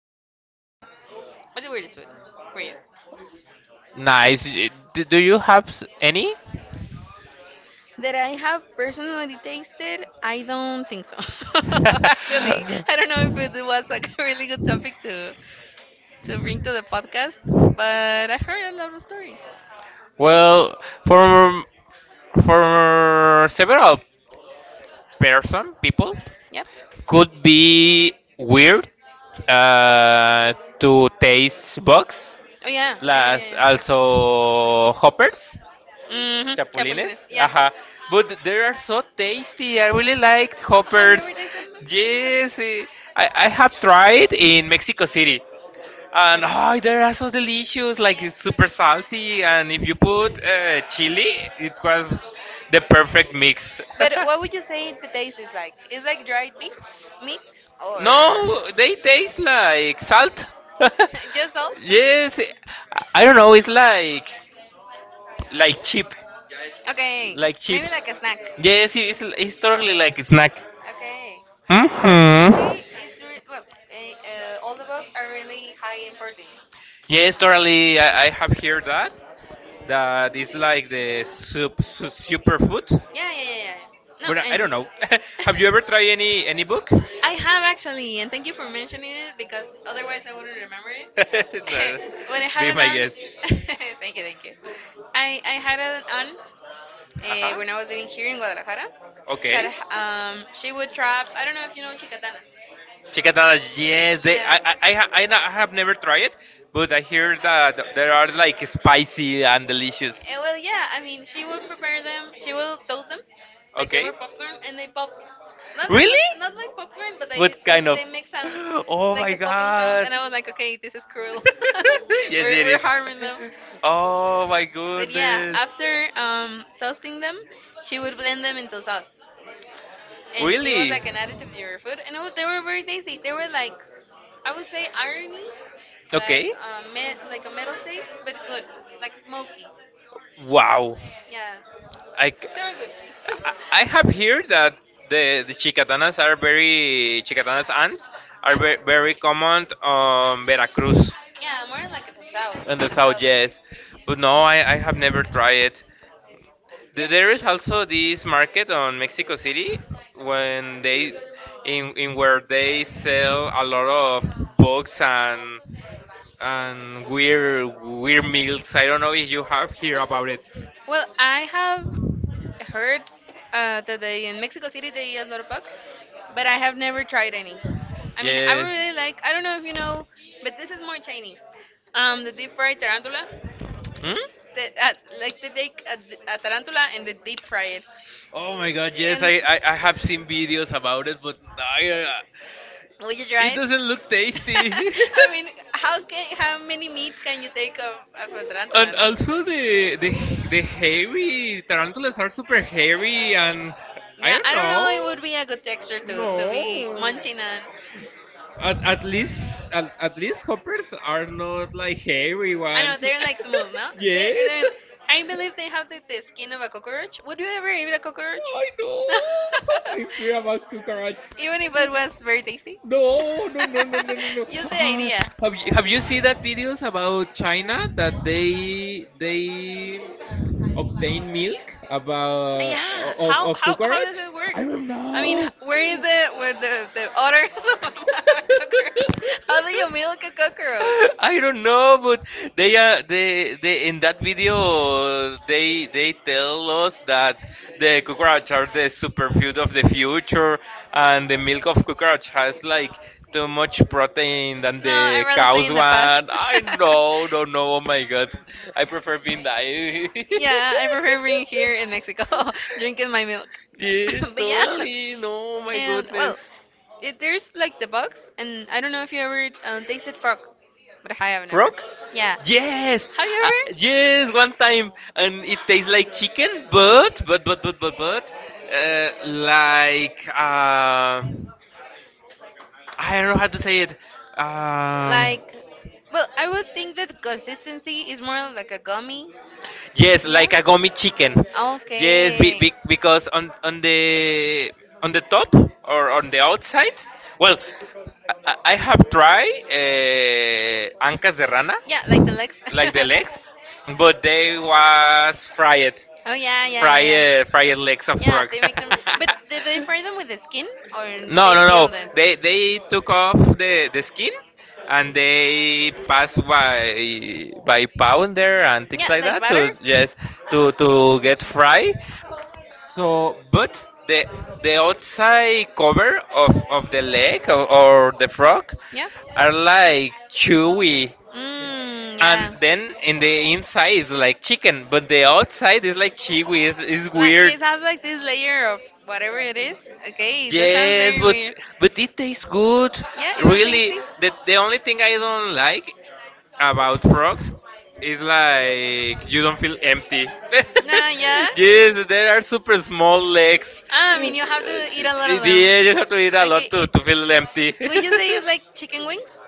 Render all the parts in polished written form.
ever tasted. What's the weirdest food for you? Nice. Do you have any? That I have personally tasted, I don't think so. Actually, I don't know if it was like a really good topic to bring to the podcast, but I've heard a lot of stories. Well, for for several person people Yep. could be weird uh, to taste bugs, Oh yeah, las yeah, yeah, also hoppers, yeah, yeah. Chapulines. Chapulines. Yeah. Ajá. But they are so tasty. I really liked Oh, have you hoppers. ever tasted them? Tasted them? Yes, I have tried in Mexico City. And oh, they're so delicious, like it's super salty. And if you put chili, it was the perfect mix. But what would you say the taste is like? It's like dried beef, meat, or No, they taste like salt. just salt? Yes, I don't know. It's like chip, Okay, like maybe chips. like a snack. Yes, it's totally like a snack. Okay. I Hmm. say it's well, all the books are really high important. Yeah, Yes, totally. I have heard that. That is like the superfood. yeah, yeah, yeah, yeah. No, But I and don't know. Have you ever tried any book? I have actually, and thank you for mentioning it because otherwise I wouldn't remember it. No. When I had Be an my aunt, guess. thank you, thank you. I had an aunt Uh huh. When I was living here in Guadalajara that Okay. She would trap. I don't know if you know chicatanas. Chicatana, yes, they, Yeah. I, ha- I, na- I have never tried it, but I hear that there are like spicy and delicious. Eh, well, yeah. I mean, she will prepare them. She will toast them, like they Okay. were popcorn, and they pop. Not not Really? pop- not like popcorn, but What kind of? they make sounds, Oh like my the popping sounds. god. And I was like, okay, this is cruel. Yes, we're it we're is. harming them. Oh my But yeah, goodness. after toasting them, she would blend them into sauce. And it was Really? like an additive to your food. And they were very tasty. They were like, I would say irony, like, Okay. Like a metal taste, but good. Like smoky. Wow. Yeah. I, c- They were good. I have heard that the chicatanas are very chicatanas ants are Yep. very, very common on Veracruz Yeah, more like at the south. in the south, The like. yes. But no, I have never tried it. Yeah, There is also this market on Mexico City when they in where they sell a lot of books and weird meals. I don't know if you have heard about it. well, I have heard that they, in Mexico City they eat a lot of bugs, but I have never tried any. I mean, I would Yes. really like. I don't know if you know, but this is more Chinese. The deep fried tarantula. Hmm? The, uh, like they a tarantula and they deep fry it. Oh my god, yes, And I have seen videos about it, but would you try it it? doesn't look tasty. I mean, how can how many meat can you take of a tarantula, And no? also the hairy tarantulas are super hairy, and I Yeah, I don't know. It don't. would be a good texture to be No. munching on. At, at least at least hoppers are not like hairy. No, I know ones. they're like smooth, no? Yes. They yes. I believe they have the skin of a cockroach. Would you ever eat a cockroach? I know. Don't I fear care. about cockroach. Even if it was very tasty. No, no, no, no, no, no, no. Just the Ah, idea. have you seen that videos about China that they Of obtain milk about yeah. of How of how how cockroach? does cockroach it work? I don't I mean, know. where is the where the odors of a cockroach? How do you milk a cockroach? I don't know, but they in that video they tell us that the cockroach are the superfood of the future, and the milk of cockroach has like too much protein than No, I'd the rather stay cow's in the past. one. I know, don't know. Oh my god, I prefer being die. Yeah, I prefer being here in Mexico, drinking my milk. Yes, But yeah, totally. No, my and well, goodness. it, there's like the bugs, and I don't know if you ever tasted frog, but I have never. Frog? Yeah. Yes, Have you uh, ever? yes, one time, and it tastes like chicken, but like I don't know how to say it. Um, Like, well, I would think that consistency is more like a gummy. Yes, Yeah? like a gummy chicken. Yes, Okay. Because on the top or on the outside. Well, I have tried ancas de rana, Yeah, like the legs. like the legs, but they was fried, Oh yeah, yeah, yeah, fried yeah. legs of Yeah, frog. they make them. But did they fry them with the skin or No, they no, no. peeled it? They took off the skin and they passed by pounder and things like that to, yes, to get fry. So, but the outside cover of the leg or the frog Yeah. are like chewy, Mmm, and and yeah. then in the inside is like chicken, but the outside is like chiwi. Is weird. Has like this layer of whatever it is. Okay. Yes, but it tastes good. Really, the only thing I don't like about frogs is like you don't feel empty. Nah, yeah. Yes, there are super small legs. Ah, I mean, you have to eat a lot of them. Yeah, you have to eat a lot Okay. to It, to feel empty. would you say it's like chicken wings?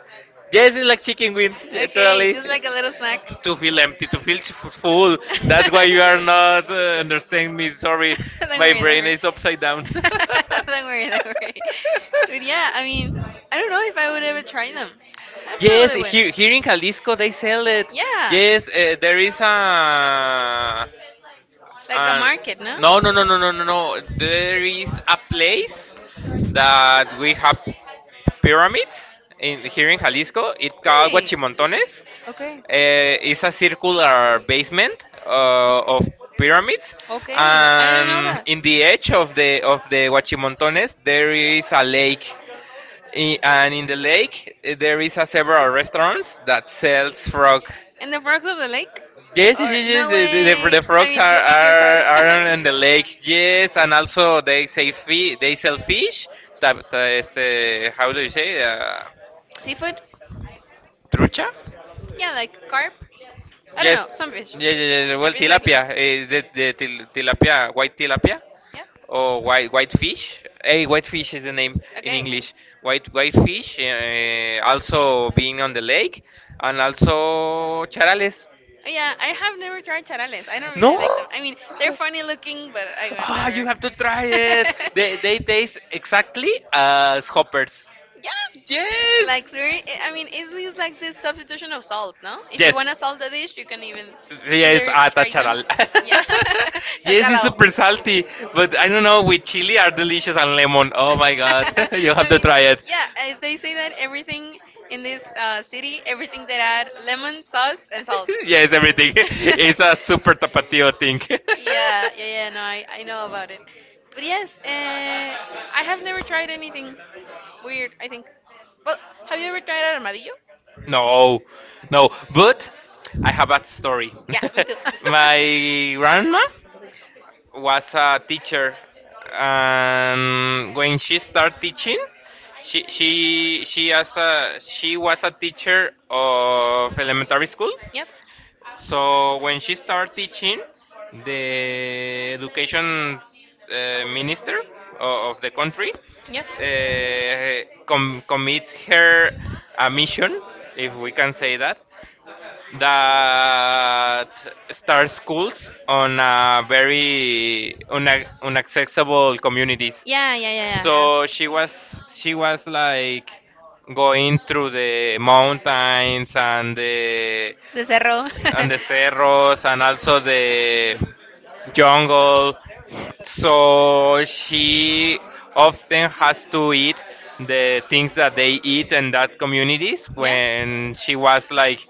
Yes, it's like chicken wings, yeah, Okay, totally. just like a little snack. To feel empty, to feel full. Don't That's why you are not understanding me. worry, Sorry, don't my brain worry. is upside down. Don't worry, don't worry. But yeah, I mean, I don't know if I would ever try them. I Yes, probably would. here in Jalisco they sell it. Yeah. Yes, there is a. Like a And market, no? no, no, no, no, no, no, no, there is a place that we have pyramids in here in Jalisco it called Really? Guachimontones. Okay. It's a circular basement of pyramids, Okay. I didn't know and that. in the edge of the Guachimontones, there is a lake. And in the lake there is a several restaurants that sells frog. And the frogs of the lake? Yes, yes, Or yes. Yes, no way. the I frogs mean, you are, pick your are frog. are on the lake. Yes, and also they say fi they sell fish. Este, how do you say? Seafood? Trucha? Yeah, like carp. I don't know, Yes. some fish. Yeah, yeah, yeah. A Well, fish like this. tilapia is tilapia, white tilapia, Yeah. or white fish. Hey, white fish is the name in Okay. English. White fish. Also being on the lake, and also charales. Oh yeah, I have never tried charales. I don't really No? like them. I mean, they're funny looking, but I would Ah, you have to try it. never. They taste exactly as hoppers. Yeah, Yes. like very. I mean, easily it's like the substitution of salt, no? If you want Yes. to salt the dish, you can even Yes, either try them. atacharal. Yeah, Yes, it's tachalao. super salty, but I don't know. With chili are delicious, and lemon. Oh my god, you have I to mean, try it. yeah, they say that everything in this city, everything that add lemon, sauce, and salt. Yes, everything. It's a super tapatio thing. Yeah, yeah, yeah. No, I know about it. But yes, I have never tried anything weird. I think. Well, have you ever tried armadillo? No, no, but I have a story. Yeah, me too. My grandma was a teacher, and when she started teaching, she was a teacher of elementary school. Yep. So when she started teaching, the education minister of the country Yep. Commit her a mission, if we can say that, that start schools on a very unaccessible communities. Yeah, yeah, yeah, yeah, So she yeah. was she was like going through the mountains and the The cerro. and the cerros, and also the jungle. So she often has to eat the things that they eat in that communities Yeah. when she was like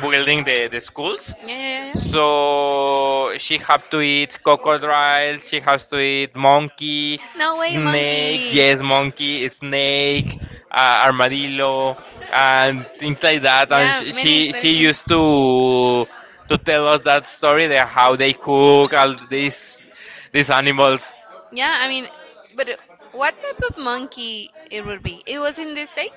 building the schools. Yeah, yeah, yeah, yeah. So she have to eat crocodile, she has to eat monkey, No way, snake, monkey. yes, monkey, snake, armadillo, and things like that. And Yeah, sh- many she exciting she things. used to tell us that story there how they cook all these animals. Yeah, I mean, but what type of monkey it would be? It was in the state?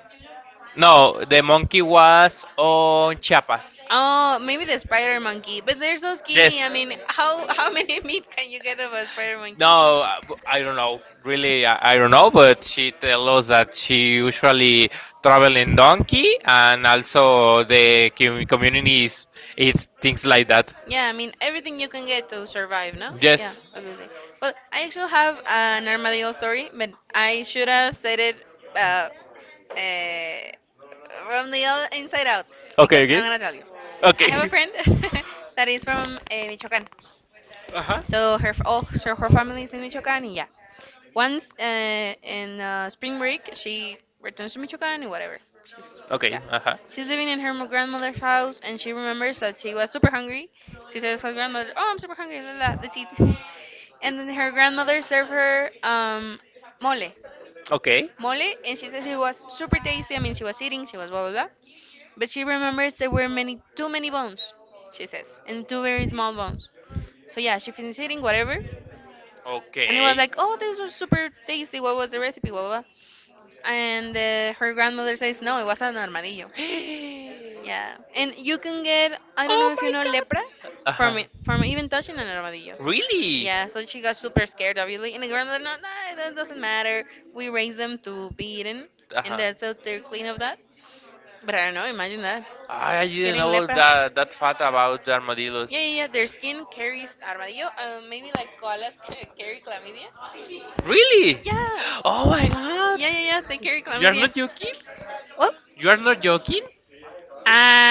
No, the monkey was on Chiapas. Oh, maybe the spider monkey, but they're so Yes. skinny. I mean, how many meat can you get of a spider monkey? No, No, I don't know. Really, I don't know. But she tells us that she usually travel in donkey, and also the communities eat things like that. yeah, I mean everything you can get to survive, no? Yes. Yeah, Yes. obviously. Well, I actually have an armadillo story, but I should have said it uh, uh, from the other inside out Okay, because I'm okay. gonna tell you. I okay. Have a Okay. friend that is from Michoacán. Uh huh. So her f- all so her family is in Michoacán, and yeah. Once in spring break, she returns to Michoacán and whatever. She's yeah. Okay. Uh huh. She's living in her grandmother's house, and she remembers that she was super hungry. She tells her grandmother, "Oh, I'm super hungry. La, la, la, let's eat." And then her grandmother served her mole, Okay. And she says it was super tasty. I mean, she was eating, she was blah blah blah. But she remembers there were many, too many bones, she says, and two very small bones. So yeah, she finished eating whatever, and it was like, oh, these are super tasty. What was the recipe? Blah, blah, blah. And her grandmother says, no, it was an armadillo. Okay. Yeah, and you can get, I don't know Oh if you my know, lepra god. from Uh-huh. it, from even touching an armadillo. Really? Yeah, so she got super scared, obviously. And the grandmother, no, no, that doesn't matter. We raise them to be eaten, and Uh-huh. that's so they're clean of that. But I don't know, imagine that. I didn't Getting know lepra. that fact about the armadillos. Yeah, yeah, yeah. Their skin carries armadillo. Maybe like koalas carry chlamydia. Really? Yeah, Oh my god. yeah, yeah, yeah. They carry You are chlamydia. not joking? Well, You are not joking?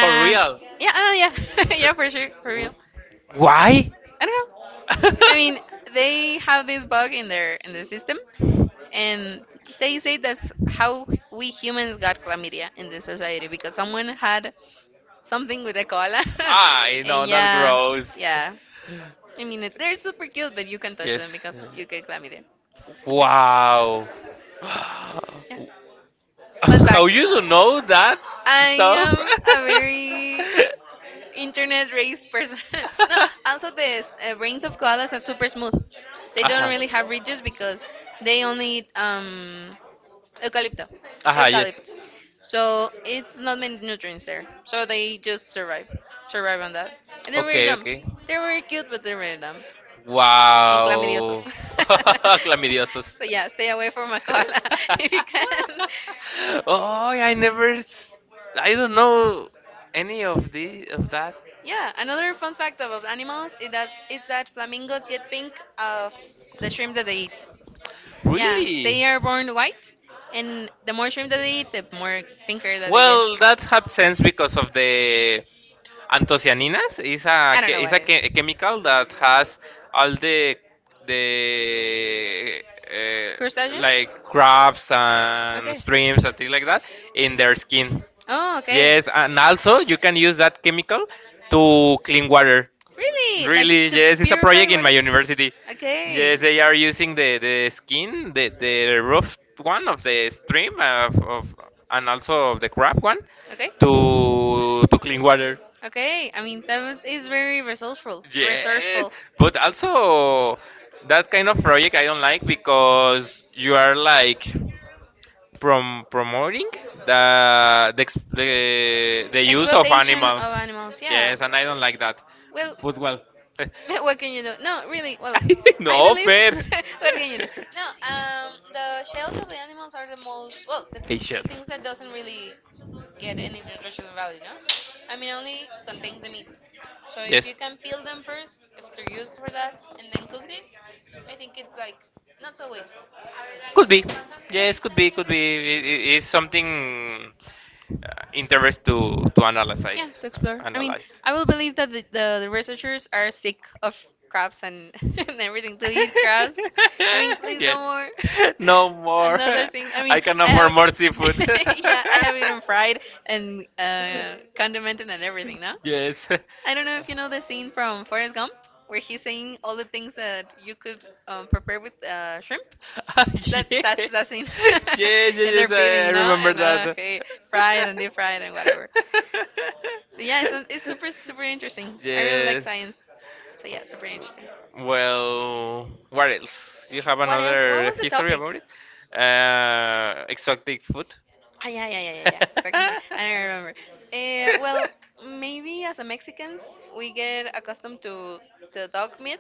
For real? Yeah, yeah, for sure, for real. W- Why? I don't know. I mean, they have this bug in their in the system, and they say that's how we humans got chlamydia in the society because someone had something with a cola. I know And that yeah, gross. yeah. I mean, it- they're super cute, but you can touch them Yes. because you get chlamydia. Wow. How Yeah. Fun fact. you to know that I stuff? am a very internet race person. No, also the brains of koalas are super smooth. They don't Aha. really have ridges because they only eat eucalypto, Aha, yes. eucalypt. So it's not many nutrients there. So they survive on that. And they're very Okay, dumb. okay. They're very cute, but they're very dumb and chlamydiosos. Wow. Clamidiosos. So yeah, stay away from a koala if you can. Oh, I never. I don't know any of that. Yeah, another fun fact about animals is that flamingos get pink of the shrimp that they eat. Yeah, they Really? are born white, and the more shrimp that they eat, the more pinker that they get. Well, that happens because of the Anthocyanins is a I don't know what it is. chemical that has all the Crustaceans? like crabs and Okay. streams and things like that in their skin. Oh, okay. Yes, and also you can use that chemical to clean water. Really? Like Really, yes, it's a purified project in my water? university. Okay. Yes, they are using the skin, the rough one of the stream of and also of the crab one Okay. to clean water. Okay, I mean is very resourceful. Yes, Resourceful. but also that kind of project I don't like because you are like promoting the, ex- the use of Exploitation of animals. animals, yeah. Yes, and I don't like that. Well, But well, what can you do? No, really. Well, I no believe. fair. What can you do? No, the shells of the animals are the most well, Hey, the shells. things that doesn't really get any nutritional value, no? I mean, only contains the meat. So if you Yes. can peel them first, if they're used for that, and then cook it, I think it's like not so wasteful. Could be. Yeah. Yes, could be, could be. It's something interest to Yeah, analyze. to explore. I mean, Analyze. I will believe that the researchers are sick of crabs and, and everything to eat crabs. I mean, please no Yes. more. No more. Another thing. I mean, I can I afford have. more seafood. Yeah, I have eaten fried and condimented and everything. No, Yes. I don't know if you know the scene from Forrest Gump where he's saying all the things that you could prepare with shrimp. Ah, That that's yes. that scene. Yes, yes, And they're yes. I peeling, no, remember and that. okay, fried and deep fried and whatever. Yeah, it's super, super interesting. I really like Yes. science. So, yeah, super interesting. Well, what else? You have What else? What another was the history topic? about it? Exotic food? Ah, yeah, yeah, yeah, yeah, yeah. Exactly. I don't remember. Uh, well, maybe as a Mexicans, we get accustomed to the dog meat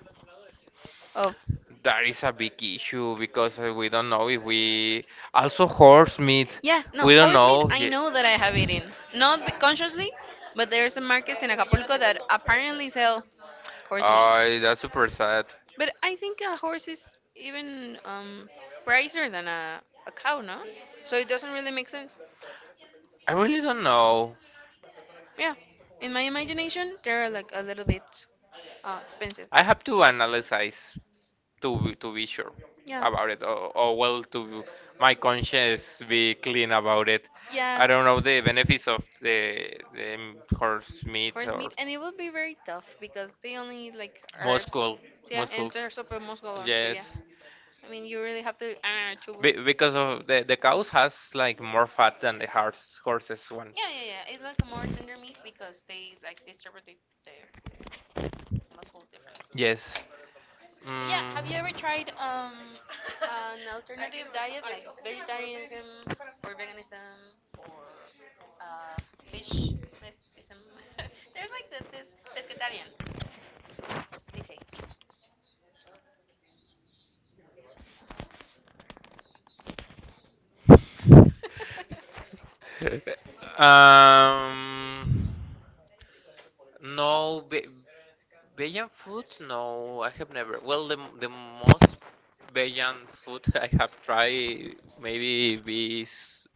of That is a big issue because we don't know if we also horse meat. Yeah, no, We don't horse meat. know. I know that I have eaten, not b- consciously, but there's some markets in Acapulco that apparently sell horse meat. Oh, that's super sad. But I think a horse is even pricier than a cow, no? So it doesn't really make sense. I really don't know. Yeah. In my imagination, they're like a little bit expensive. I have to analyze. To to be sure Yeah. about it, or well, to my conscience be clean about it. Yeah. I don't know the benefits of the horse meat Horse or meat, and it will be very tough because they only eat like herbs. muscle So yeah, and muscles they're super muscular. So Yes. yeah. I mean, you really have to. Because of the cows has like more fat than the horses one. Yeah, yeah, yeah. It's like a more tender meat because they like distribute the, the muscle differently. Yes. But yeah, have you ever Mm. tried an alternative diet like vegetarianism or veganism or uh fishnesism? There's like this pescatarian they say. um no, Vegan food? No, I have never. Well, the most vegan food I have tried maybe be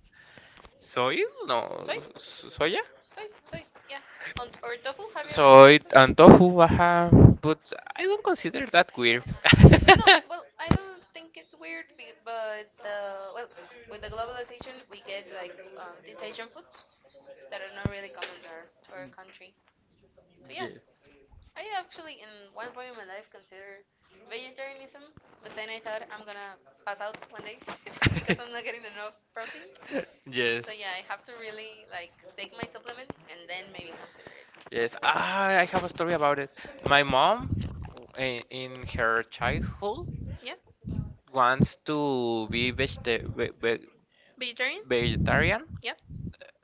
soy, no, Soy, soya, soy, soy. Yeah. And, or tofu? Have you ever soy and tofu. Ajá, but I don't consider that weird. no, well, I don't think it's weird, but well, with the globalization, we get like these Asian foods that are not really common there to our country. So yeah, Yes. I actually in one point in my life consider vegetarianism, but then I thought I'm gonna pass out one day because I'm not getting enough protein. So Yes. yeah, I have to really like take my supplements and then maybe consider it. Yes, ah, I have a story about it. My mom, in her childhood, Yeah, wants to be vegetarian. vegetarian. Yep.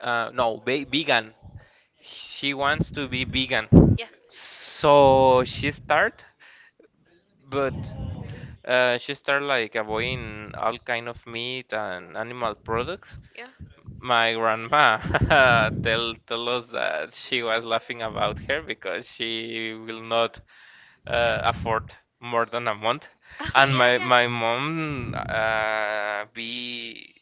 No, ve vegan. She wants to be vegan. Yeah. So she start, but she start like avoiding all kind of meat and animal products. Yeah. My grandma tell us that she was laughing about her because she will not afford more than a month. Oh And yeah, my yeah. my mom be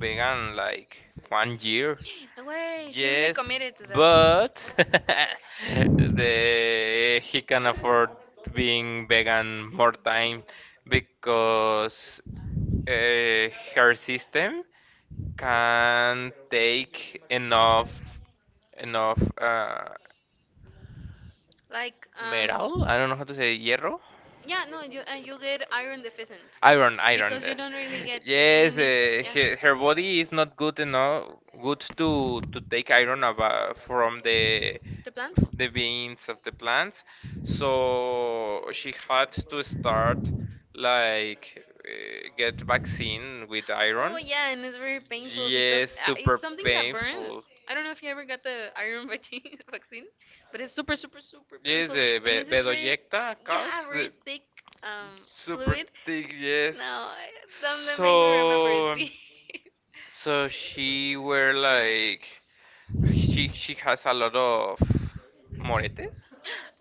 vegan like 1 year. No way, she really Yes, committed to that. but the he can afford being vegan more time because uh, her system can take enough Like, metal. um, I don't know how to say hierro, yeah, no, you and you get iron deficient iron, iron. because you Yes. don't really get any Yes, meat. Yeah, her body is not good enough, good to take iron about from the the plants. the beans of the plants. So she had to start like get vaccine with iron. Oh yeah, and it's very painful because Yes, super it's something that painful. burns. I don't know if you ever got the iron vaccine, but it's super, super, super Yes, painful, the and this is very, bedoyecta yeah, calls very the thick super fluid. thick. No, Yes, I- don't let make me remember it, so please. so she were like. She has a lot of moretes.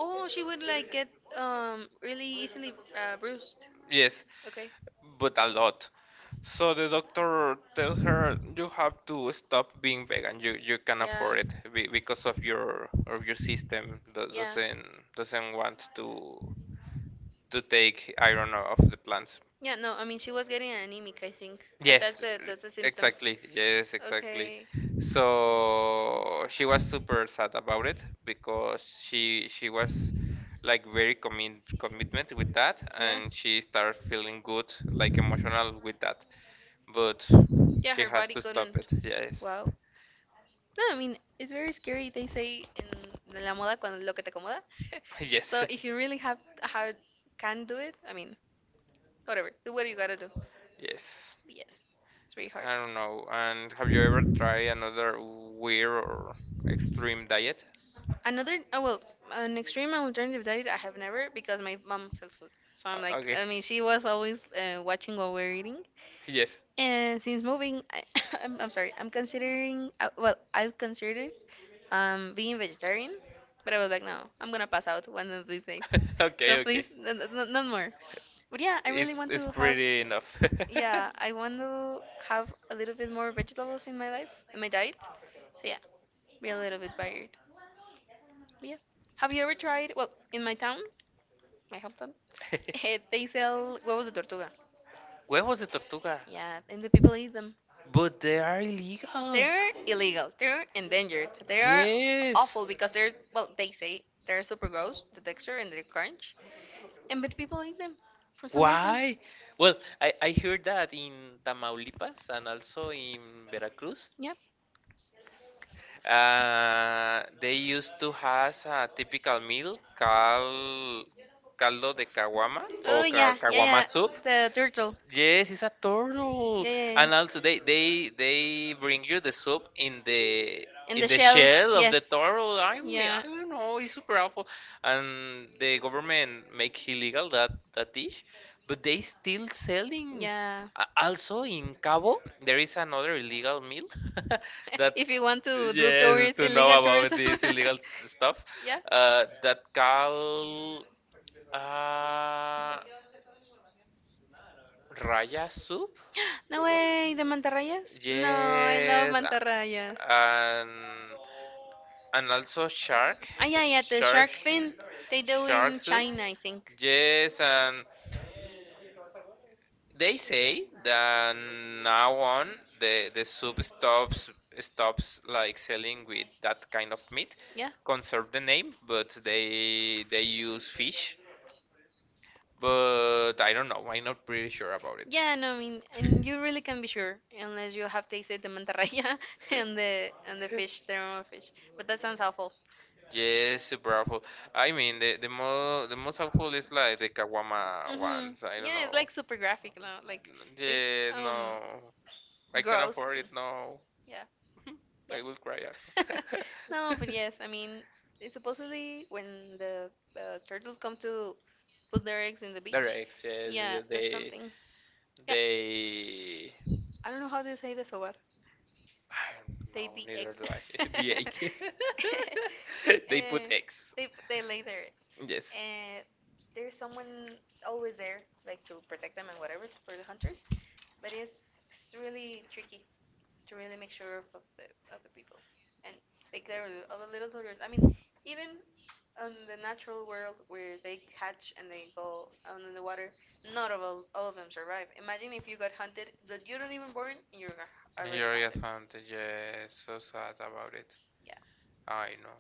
Oh, she would like get really easily bruised. Yes, Okay. but a lot. So the doctor tells her you have to stop being vegan. You can Yeah. afford it because of your system Yeah. doesn't want to take iron off the plants. Yeah, no, I mean she was getting anemic, I think. That's Yes, the symptoms. exactly. Yes, exactly. Okay. So she was super sad about it because she was like very commitment with that, Yeah. and she started feeling good, like emotional with that. But Yeah, she her has body to stop couldn't. it. Yes, Wow. No, I mean, it's very scary. They say in la moda cuando lo que te acomoda. Yeah. yes, So if you really have hard can do it, I mean, whatever. Do what you gotta do. yes. Yes. It's very hard. I don't know. And have you ever tried another weird or extreme diet? Another, oh well, an extreme alternative diet I have never because my mom sells food. So I'm like, Okay. I mean, she was always watching what we're eating. Yes. And since moving, I, I'm sorry, I've considered being vegetarian, but I was like, no, I'm gonna pass out one of these days. Okay, So okay. please, none more. But yeah, I really It's want it's to have. pretty enough. Yeah, I want to have a little bit more vegetables in my life, in my diet. So yeah, be a little bit varied. But yeah, have you ever tried? Well, in my town, my hometown, they sell huevos de Huevos de tortuga. tortuga. Yeah, and the people eat them. But they are illegal. They're illegal. They're endangered. They are Yes. awful because they say they're super gross, the texture and the crunch, and but people like them for some reason. Why? Well, I heard that in Tamaulipas and also in Veracruz, Yep. They used to has a typical meal called caldo de caguama Oh or yeah, caguama yeah, soup. yeah. The turtle. Yes, it's a Yeah, turtle, yeah, and also they yeah. they they bring you the soup In the in the shell. shell of the Yes. turtle. I mean, Yeah. I don't know, it's super awful, and the government make illegal that dish, but they still selling. Yeah. Also in Cabo, there is another illegal meal that If you want to do yes tourist to know illegal tourism. about this illegal stuff Yeah. That call uh raya soup, No way, the mantarrayas? No, I love yes, mantarrayas. And also shark, Ah, yeah, yeah, the shark shark fin. They do shark in soup. China, I think. Yes, and they say that now on the soup stops like selling with that kind of meat, Yeah. conserve the name, but they use fish, but I don't know. I'm not pretty sure about it. Yeah, no, I mean, and you really can be sure unless you have tasted the mantarraya and the fish, the normal fish. But that sounds awful. Yes, super awful. I mean, the the most awful is like the Kawama Mhm. ones. I don't. Yeah, it's like super graphic now, like this Yeah, know. Yes, um no. I can gross afford thing. it. No, Yeah. Yeah. I will cry out. No, but yes, I mean, it supposedly when the turtles come to put their eggs in the beach, yes, yeah, there's they something. Yeah, they. I don't know how they say this over. I don't They know. the egg. Neither do I. The egg. They put Eh, X. they lay their eggs. Yes. And there's someone always there, like to protect them and whatever for the hunters. But it's really tricky to really make sure of the other people and take care of the other little soldiers. I mean, even on the natural world where they catch and they go on in the water, not of all of them survive. Imagine if you got hunted, that you don't even born, and you're Hunter. already You're a hunted. hunter, yes, so sad about it. Yeah. I know.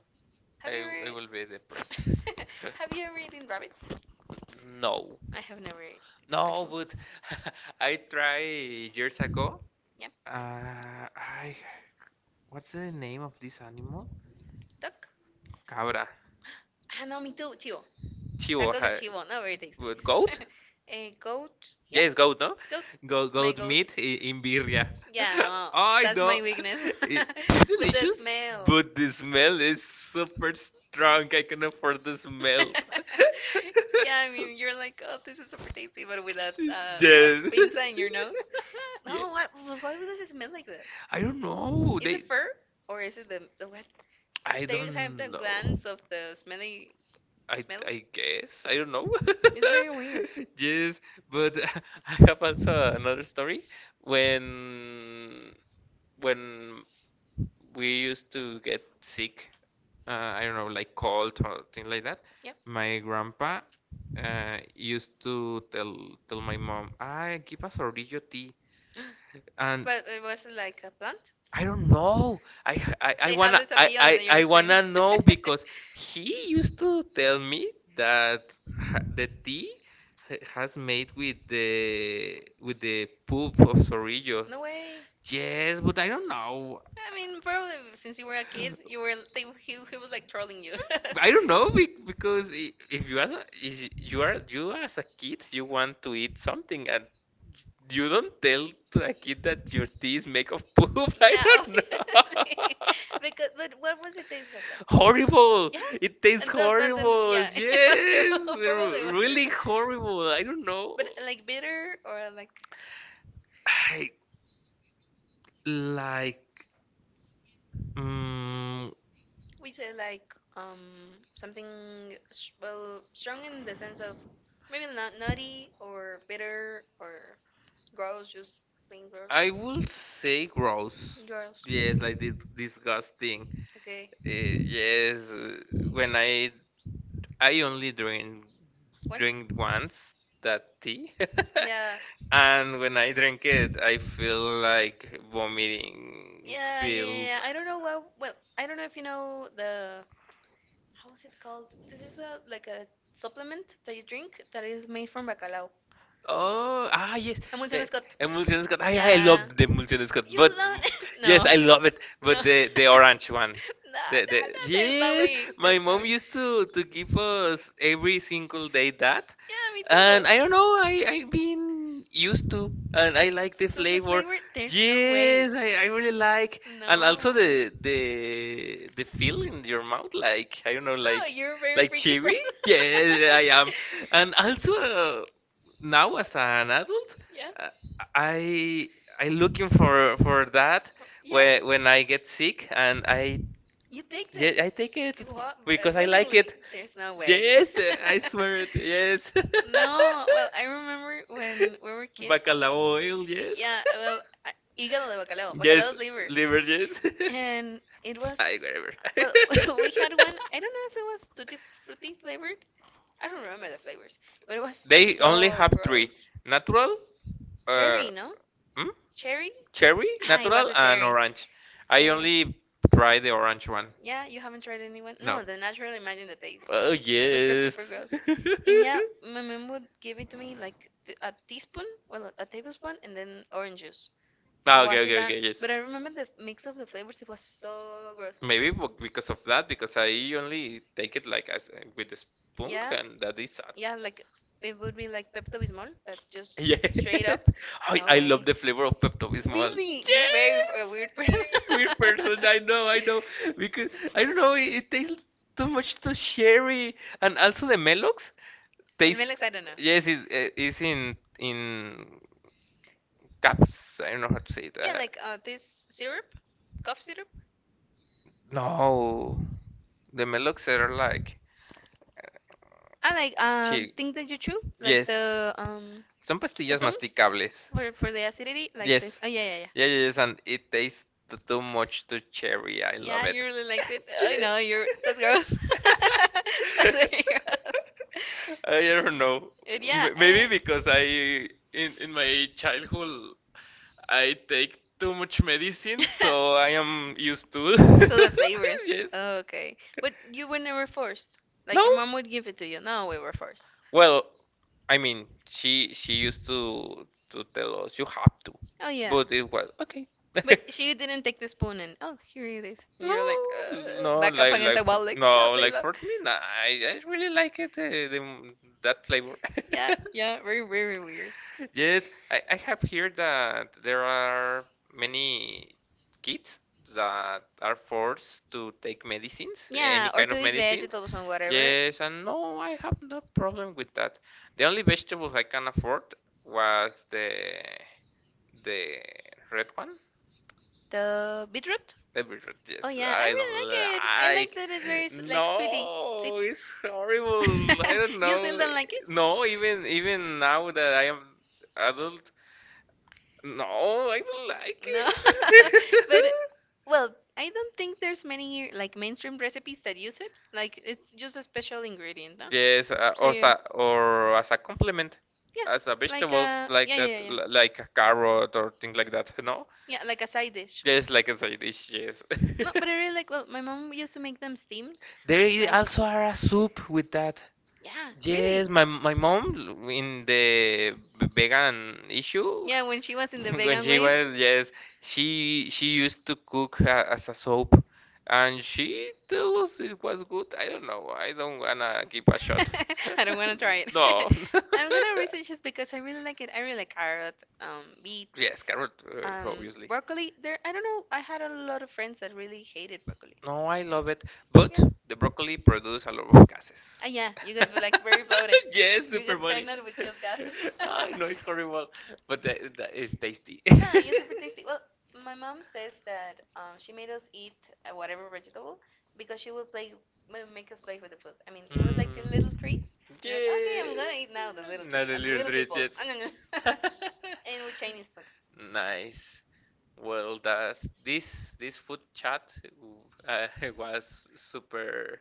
Have you ever I will be depressed. they there. Have you ever eaten rabbit? No, I have never eaten. no, Actually, but I tried years ago. yep. I what's the name of this animal? Duck. Cabra. I Ah, no, me too. Chivo. Chivo. Tacos de chivo. Not very tasty. With goat? Goat? A goat. Yep. Yes, goat, no? Goat. Go My goat goat. meat in birria. Yeah, no, I that's know. my weakness. I- It's But the delicious, smell. but the smell is super strong. I can afford the smell. Yeah, I mean, you're like, oh, this is super tasty, but with a Yes. pinza in your nose. No, Yes. what? Why does it smell like that? I don't know. Is it They. fur or is it the what? I They don't have the know. glands of the smelly I smell. I guess I don't know. It's very weird. Yes, but I have also another story when when we used to get sick. I don't know, like cold or things like that. Yeah, My grandpa used to tell my mom, "Ah, give us Orillo tea," and but it was like a plant. I don't know. I They have wanna the cerrillo in your I experience. wanna know because he used to tell me that the tea has made with the poop of Sorillo. No way. Yes, but I don't know. I mean, probably since you were a kid, he was like trolling you. I don't know because if you are you are as a kid, you want to eat something and you don't tell to a kid that your teeth make of poop. I Yeah, don't know. obviously. Because but what was it tasted like? Horrible. Yeah, It tastes and then something. horrible. Yeah, it was true. Yes. Probably was true. Really horrible. I don't know. But like bitter or like I like. Mm, we say like something strong in the sense of maybe not nutty or bitter or gross, just plain gross. I will say gross. Gross. Yes, like this disgusting. Okay. Yes, when I only Once. drink once that tea, Yeah. and when I drink it, I feel like vomiting. Yeah, yeah, yeah, Feel. yeah. I don't know what. Well, I don't know if you know the. How is it called? This is a like a supplement that you drink that is made from bacalao. Oh, ah, yes. Hamilton The Scott. emulsion Scott. I Yeah. love the emulsion Scott, You but love it? yes, No. No. I love it. But the the No, orange one. no, The no. There's no yes, way. my There's no mom way. used to give us every single day that. Yeah, me And I don't know, too. I've been used to, and I like the So the flavor. flavor, there's no way. Yes, I really like, and also No. the the feel in your mouth, like I don't know, No, you're a very like freaky chewy. person. Yes, I am, and also now as an adult, Yeah. uh, I looking for that Yeah, when I get sick and I you take yeah it. I take it It what? Because because I like willingly. it. It. There's no way. Yes, the- I swear it. Yes. No, well, I remember when we were kids. Bacalao oil, Yes. yes. Yeah, well, I, hígado de bacalao, Yes, bacalao is liver. liver, yes. And it was, I whatever. well, we had one, I don't know if it was tutti frutti flavored. I don't remember the flavors, but it was They only so have three: gross. uh, natural, uh, Cherry, no? hmm? Cherry? Cherry, Ah, it was natural, a bacalao, and cherry. orange. I Yeah. only try the orange one. Yeah, you haven't tried anyone? No. No, the natural imagine the taste. Oh Super yes. gross. And yeah, my mom would give it to me like a teaspoon, well, a tablespoon, and then orange juice to Ah, okay, wash it okay, down. okay, yes. But I remember the mix of the flavors, it was so gross. Maybe because of that, because I only take it like as with a spoon, Yeah, and that is sad. yeah, like it would be like Pepto Bismol, that just straight Yes. up. No I love way. the flavor of Pepto-Bismol. Really? You're very a Yes. weird person. Weird person. I know, I know. Because I don't know, it tastes too much to sherry and also the Melox El tastes. Melex, I don't know. Yes, it is in caps. I don't know how to say Yeah, that. like this syrup, cough syrup. No. The Melox are like I like chi- thing that you chew, like Yes. Son the pastillas tums masticables. For the acidity, like this. Yes. Oh Yeah, yeah, yeah, yeah, yeah. yes, and it tastes too much to cherry. I love Yeah, it. you really liked it. I Yes. know you're. That's gross. That's very gross. I don't know. And yeah. Maybe Eh. because I in my childhood I take too much medicine, so I am used to. So the flavors. Yes. Oh, okay. But you were never forced. Like No. your mom would give it to you. No, we were forced. Well, I mean, she used to tell us you have to, Oh yeah. but it was okay. But she didn't take the spoon and oh here it is. And No, you're like no, back up against the like for, wall like no no, please like no. for me, nah, I really like it, the, that flavor. Yeah, yeah, very very weird. Yes, I have heard that there are many kids that are forced to take medicines, any Yeah, or kind to of eat medicines. vegetables and whatever. Yes, and no, I have no problem with that. The only vegetables I can afford was the the red one. The beetroot? Temperature, Oh yes, yeah, I I don't really like it. I like like. that it's very like sweety, No, sweet. it's horrible. I don't You still know. don't like it? No, even even now that I am adult, no, I don't like No, it. but well, I don't think there's many like mainstream recipes that use it. Like it's just a special ingredient, no? Yes, So or yeah, sa or as a compliment, as a yeah, like vegetables like that, like a carrot or things like that. No, yeah, like a side dish. yes, like a side dish. Yes, No, but I really like. Well, my mom used to make them steamed. there Like also are a soup with that. yeah, Yes, really. my mom in the vegan issue Yeah, when she was in the when vegan she wave. was, yes, she used to cook as a soap, and she told us it was good. I don't know. I don't wanna give a shot. I don't want to try it. No. I'm gonna research it because I really like it. I really like carrot, beet, Yes, carrot, obviously. broccoli. There, I don't know. I had a lot of friends that really hated broccoli. No, I love it, but the broccoli produce a lot of gases. Ah, yeah, you guys were like very bloated. Yes, You super get funny. pregnant with just gas. I know it's horrible, but that is tasty. No, Yeah, it's super tasty. it Well, my mom says that she made us eat whatever vegetable because she would play, will make us play with the food. I mean, it was Like, like the little oh, trees. And we're like, okay, I'm gonna eat now the yeah. little Not tree and the a little treat, people. yes. I'm And with Chinese food. food. Nice. Well, that's this food chat uh, was super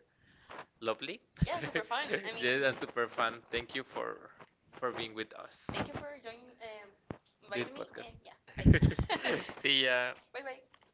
lovely. Yeah, Yeah, that's super fun. Thank you for being with us. thank you for joining, This podcast. and And yeah, see ya. bye bye.